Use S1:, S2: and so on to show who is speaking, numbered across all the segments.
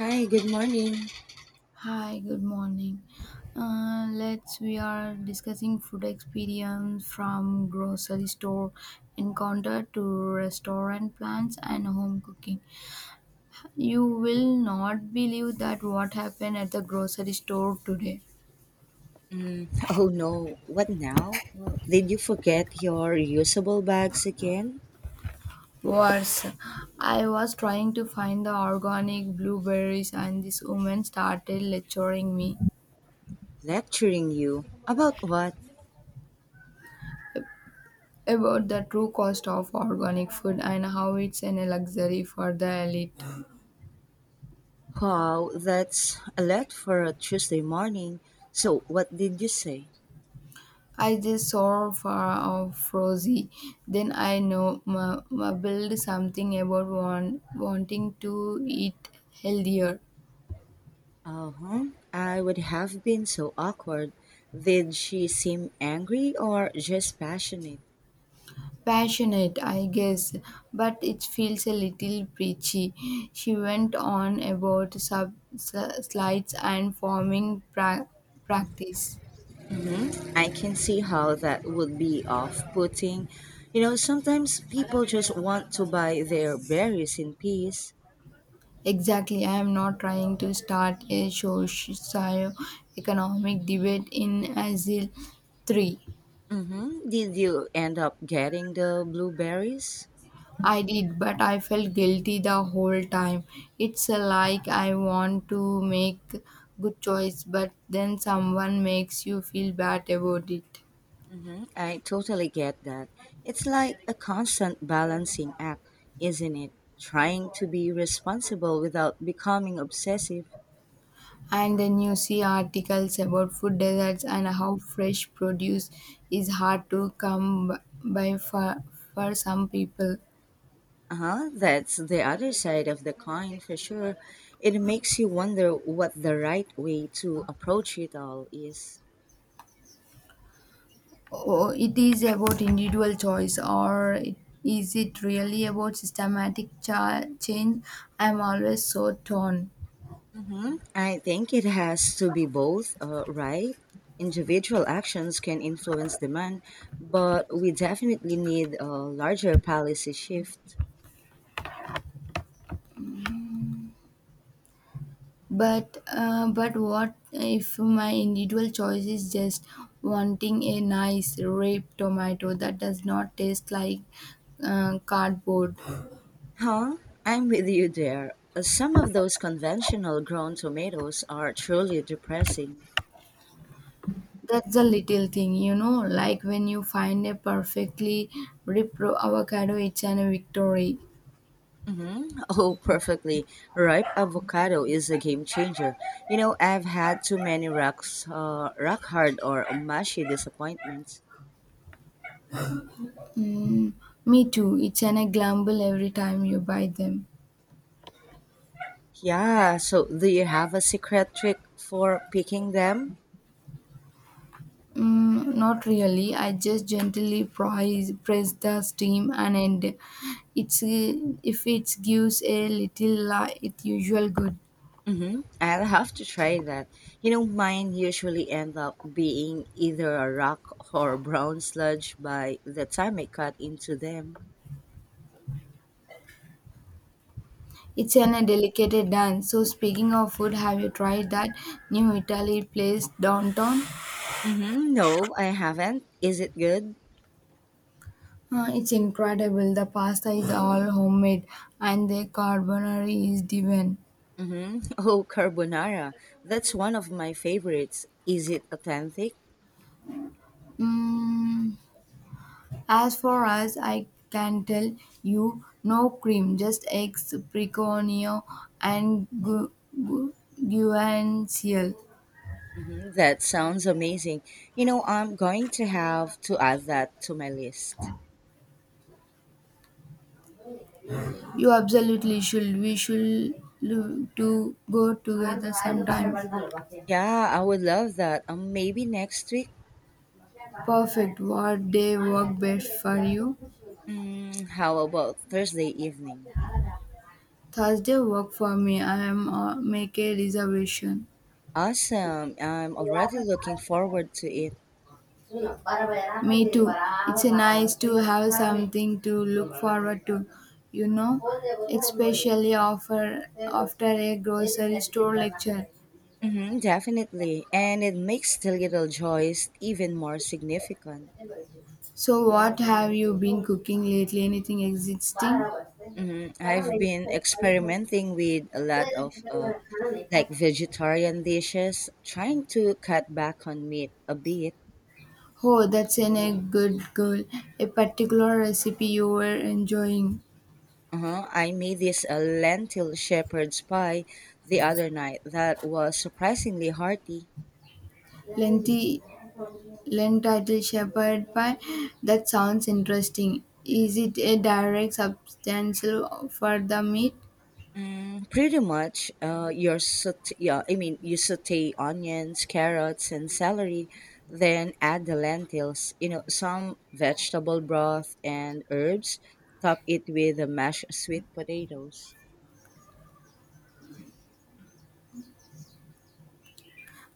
S1: Hi, good morning.
S2: Hi, good morning. Let's we are discussing food experience from grocery store encounter to restaurant plans and home cooking. You will not believe that what happened at the grocery store today.
S1: Mm, oh no, what now? Well, did you forget your reusable bags again?
S2: Worse, I was trying to find the organic blueberries and this woman started lecturing me
S1: Lecturing you. About what?
S2: about the true cost of organic food and how it's a luxury for the elite.
S1: Wow, that's a lot for a Tuesday morning. So, what did you say?
S2: I just saw for of Frozy. Then I know ma build something about wanting to eat healthier.
S1: Uh huh. I would have been so awkward. Did she seem angry or just passionate?
S2: Passionate, I guess, but it feels a little preachy. She went on about slides and forming practice.
S1: I can see how that would be off putting. You know, sometimes people just want to buy their berries in peace.
S2: Exactly, I am not trying to start a socio economic debate in Asile 3.
S1: Mm-hmm. Did you end up getting the blueberries?
S2: I did, but I felt guilty the whole time. It's like I want to make good choice, but then someone makes you feel bad about it.
S1: Mm-hmm. I totally get that. It's like a constant balancing act, isn't it? Trying to be responsible without becoming obsessive.
S2: And then you see articles about food deserts and how fresh produce is hard to come by for some people.
S1: Uh huh. That's the other side of the coin for sure. It makes you wonder what the right way to approach it all is.
S2: Oh, it is about individual choice, is it really about systematic change? I'm always so torn.
S1: I think it has to be both, right? Individual actions can influence demand, but we definitely need a larger policy shift.
S2: But what if my individual choice is just wanting a nice ripe tomato that does not taste like cardboard?
S1: Huh? I'm with you there. Some of those conventional grown tomatoes are truly depressing.
S2: That's a little thing, you know, like when you find a perfectly ripe avocado, it's an a victory.
S1: Mm-hmm. Oh, perfectly. Ripe avocado is a game changer. You know, I've had too many rock hard or mushy disappointments.
S2: Mm, me too. It's an a grumble every time you buy them.
S1: Yeah, so do you have a secret trick for picking them?
S2: Mm, not really. I just gently press the steam and end. It's If it gives a little light, it usual good.
S1: Mm-hmm. I'll have to try that. You know, mine usually end up being either a rock or brown sludge by the time I cut into them.
S2: It's an a delicate dance. So speaking of food, have you tried that new Italy place downtown?
S1: Mm-hmm. No, I haven't. Is it good?
S2: It's incredible. The pasta is all homemade and the carbonara is divine.
S1: Mm-hmm. Oh, carbonara. That's one of my favorites. Is it authentic?
S2: Mm, as far as I can tell you, no cream, just eggs, preconio, and gu- guanciale.
S1: Mm-hmm. That sounds amazing. You know, I'm going to have to add that to my list.
S2: You absolutely should. We should to go together sometime.
S1: Yeah, I would love that. Maybe next week.
S2: Perfect. What day work best for you?
S1: Mm, how about Thursday evening?
S2: Thursday work for me. I am make a reservation.
S1: Awesome. I'm already looking forward to it.
S2: Me too. It's nice to have something to look forward to, you know, especially after a grocery store lecture.
S1: Mm-hmm, definitely. And it makes the little joys even more significant.
S2: So, what have you been cooking lately? Anything existing?
S1: Mm-hmm. I've been experimenting with a lot of like vegetarian dishes, trying to cut back on meat a bit.
S2: Oh, that's a good goal. A particular recipe you were enjoying.
S1: Uh-huh. I made this lentil shepherd's pie the other night that was surprisingly hearty.
S2: Lengthy Lent title Shepherd Pie. That sounds interesting. Is it a direct substantial for the meat?
S1: Mm, pretty much, yeah, I mean, you saute onions, carrots, and celery, then add the lentils, you know, some vegetable broth and herbs. Top it with the mashed sweet potatoes.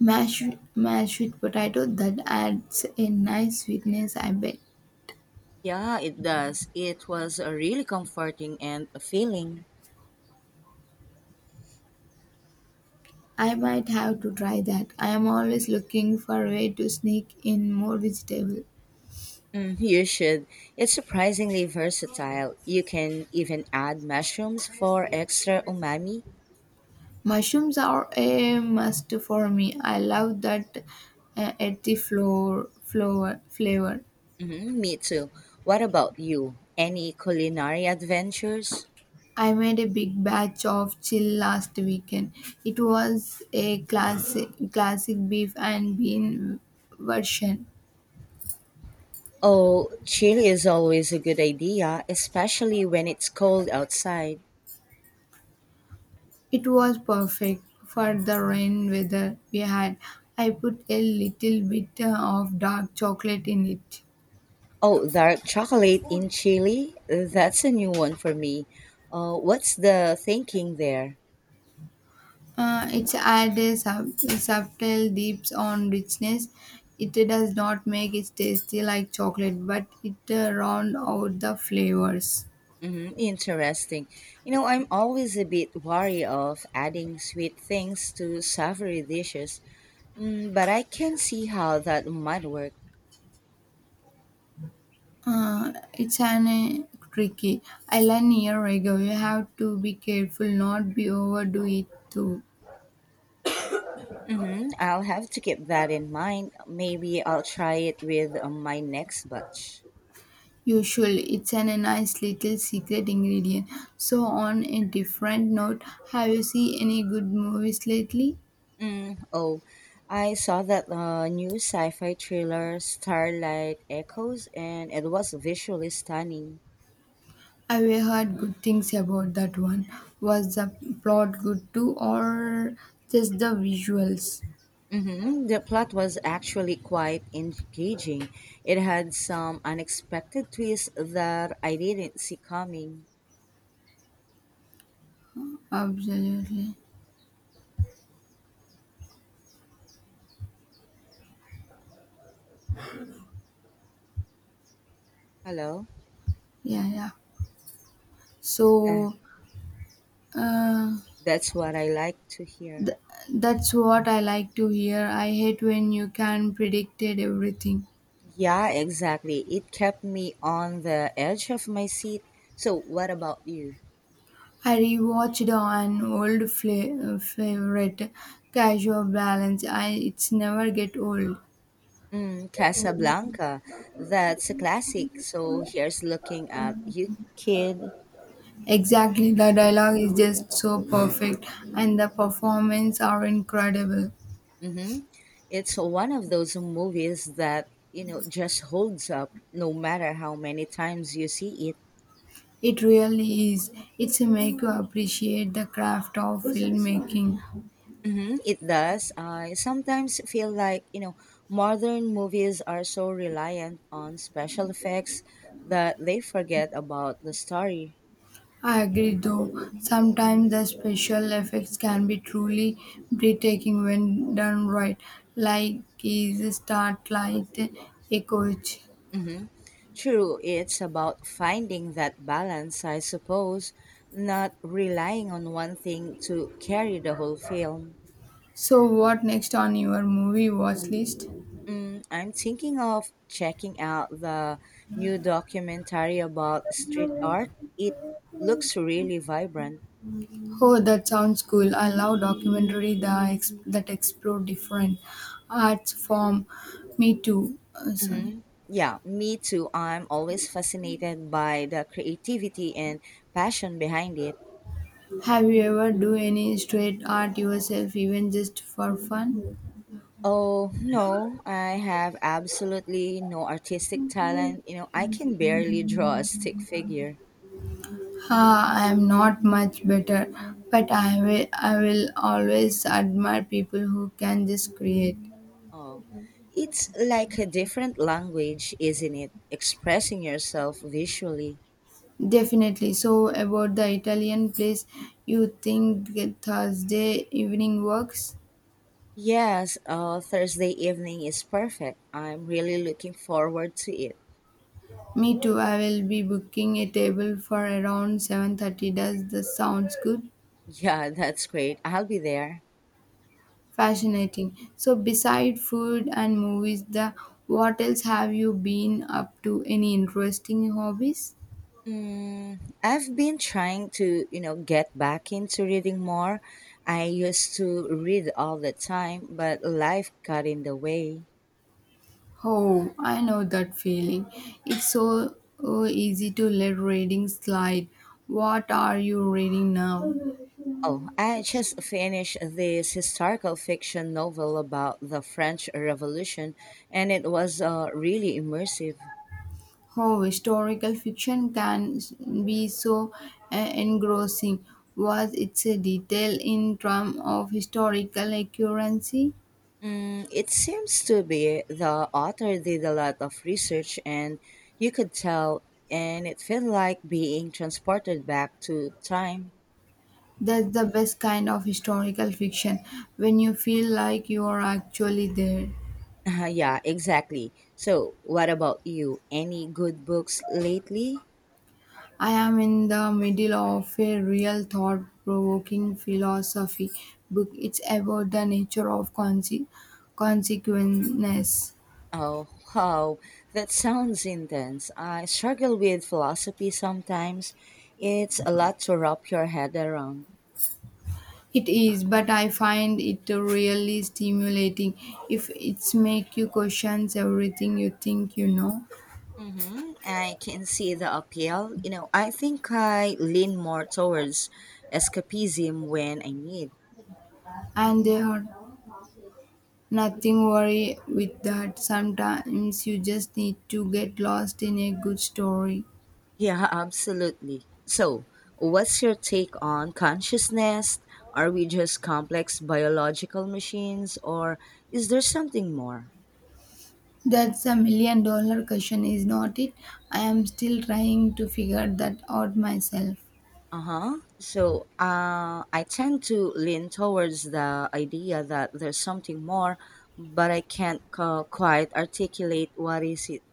S2: Mashed, mashed with potato that adds a nice sweetness, I bet.
S1: Yeah, it does. It was a really comforting and a feeling.
S2: I might have to try that. I am always looking for a way to sneak in more vegetable.
S1: Mm, you should. It's surprisingly versatile. You can even add mushrooms for extra umami.
S2: Mushrooms are a must for me. I love that earthy flavor.
S1: Hmm, me too. What about you? Any culinary adventures?
S2: I made a big batch of chill last weekend. It was a classic beef and bean version.
S1: Oh, chili is always a good idea, especially when it's cold outside.
S2: It was perfect for the rain weather we had. I put a little bit of dark chocolate in it.
S1: Oh, dark chocolate in chili? That's a new one for me. What's the thinking there?
S2: It adds a subtle deeps on richness. It does not make it tasty like chocolate, but it round out the flavors.
S1: Hmm, interesting. You know, I'm always a bit wary of adding sweet things to savory dishes, mm, but I can see how that might work.
S2: It's an tricky island near Rego. You have to be careful not be overdo it too.
S1: Mm-hmm. I'll have to keep that in mind. Maybe I'll try it with my next batch.
S2: Usually, it's a nice little secret ingredient. So, on a different note, have you seen any good movies lately?
S1: Mm, oh, I saw that new sci fi thriller, Starlight Echoes, and it was visually stunning.
S2: I have heard good things about that one? Was the plot good too, or just the visuals?
S1: Mm-hmm. The plot was actually quite engaging. It had some unexpected twists that I didn't see coming.
S2: Absolutely,
S1: Hello?
S2: yeah, yeah.
S1: That-
S2: So, uh,
S1: That's what I like to hear.
S2: Th- that's what I like to hear. I hate when you can predict everything.
S1: Yeah, exactly. It kept me on the edge of my seat. So, what about you?
S2: I rewatched an old favorite, Casual Balance. I it's never get old.
S1: Mm, Casablanca. That's a classic. So, here's looking at you, kid.
S2: Exactly, the dialogue is just so perfect, and the performance are incredible.
S1: Mm-hmm. It's one of those movies that, you know, just holds up no matter how many times you see it.
S2: It really is. It's make you appreciate the craft of filmmaking.
S1: Mm-hmm. It does. I sometimes feel like, you know, modern movies are so reliant on special effects that they forget about the story.
S2: I agree though, sometimes the special effects can be truly breathtaking when done right, like is Starlight Echoes.
S1: True, it's about finding that balance, I suppose, not relying on one thing to carry the whole film.
S2: So, what next on your movie watch list?
S1: Mm, I'm thinking of checking out the new documentary about street art. It looks really vibrant.
S2: Oh, that sounds cool. I love documentary that explore different arts form. Me too. Sorry.
S1: Hmm, yeah, me too. I'm always fascinated by the creativity and passion behind it.
S2: Have you ever do any street art yourself, even just for fun?
S1: Oh, no, I have absolutely no artistic talent. You know, I can barely draw a stick figure.
S2: Ah, I am not much better, but I will always admire people who can just create.
S1: Oh, it's like a different language, isn't it? Expressing yourself visually.
S2: Definitely. So, about the Italian place, you think the Thursday evening works?
S1: Yes, Thursday evening is perfect. I'm really looking forward to it.
S2: Me too. I will be booking a table for around 7:30. Does this sounds good?
S1: Yeah, that's great. I'll be there.
S2: Fascinating. So, beside food and movies, the what else have you been up to? Any interesting hobbies?
S1: Mm, I've been trying to, you know, get back into reading more. I used to read all the time, but life got in the way.
S2: Oh, I know that feeling. It's so easy to let reading slide. What are you reading now?
S1: Oh, I just finished this historical fiction novel about the French Revolution, and it was really immersive.
S2: Oh, historical fiction can be so engrossing. Was it's a detail in terms of historical accuracy?
S1: Mm, it seems to be the author did a lot of research, and you could tell, and it felt like being transported back to time.
S2: That's the best kind of historical fiction when you feel like you are actually there.
S1: Yeah, exactly. So, what about you? Any good books lately?
S2: I am in the middle of a real thought provoking philosophy book. It's about the nature of consequences.
S1: Oh, wow, that sounds intense. I struggle with philosophy sometimes. It's a lot to wrap your head around.
S2: It is, but I find it really stimulating if it's make you question everything you think you know.
S1: Mm-hmm. I can see the appeal. You know, I think I lean more towards escapism when I need.
S2: And there are nothing worry with that. Sometimes you just need to get lost in a good story.
S1: Yeah, absolutely. So, what's your take on consciousness? Are we just complex biological machines or is there something more?
S2: That's a million dollar question, is not it? I am still trying to figure that out myself.
S1: Uh-huh. So, I tend to lean towards the idea that there's something more, but I can't co- quite articulate what is it.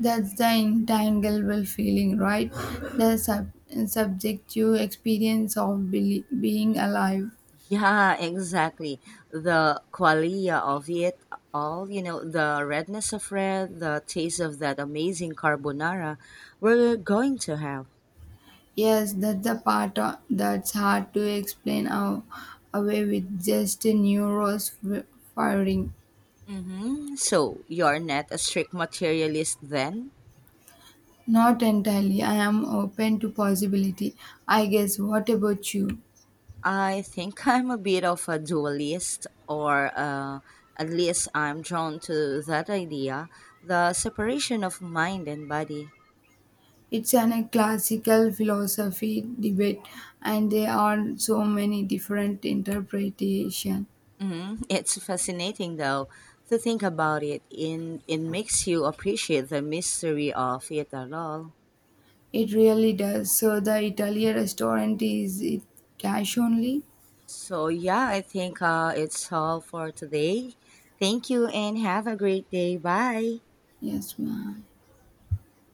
S2: That's the intangible feeling, right? The subjective experience of being alive.
S1: Yeah, exactly. The qualia of it all, you know, the redness of red, the taste of that amazing carbonara we're going to have.
S2: Yes, that's the that's hard to explain away with just a neurons firing.
S1: Hmm. So, you're not a strict materialist then?
S2: Not entirely. I am open to possibility. I guess. What about you?
S1: I think I'm a bit of a dualist, or at least I'm drawn to that idea, the separation of mind and body.
S2: It's an a classical philosophy debate, and there are so many different interpretation.
S1: Mhm. It's fascinating though to think about it. In it makes you appreciate the mystery of it at all.
S2: It really does. So the Italian restaurant is it cash only?
S1: So yeah, I think it's all for today. Thank you and have a great day. Bye.
S2: Yes, ma'am.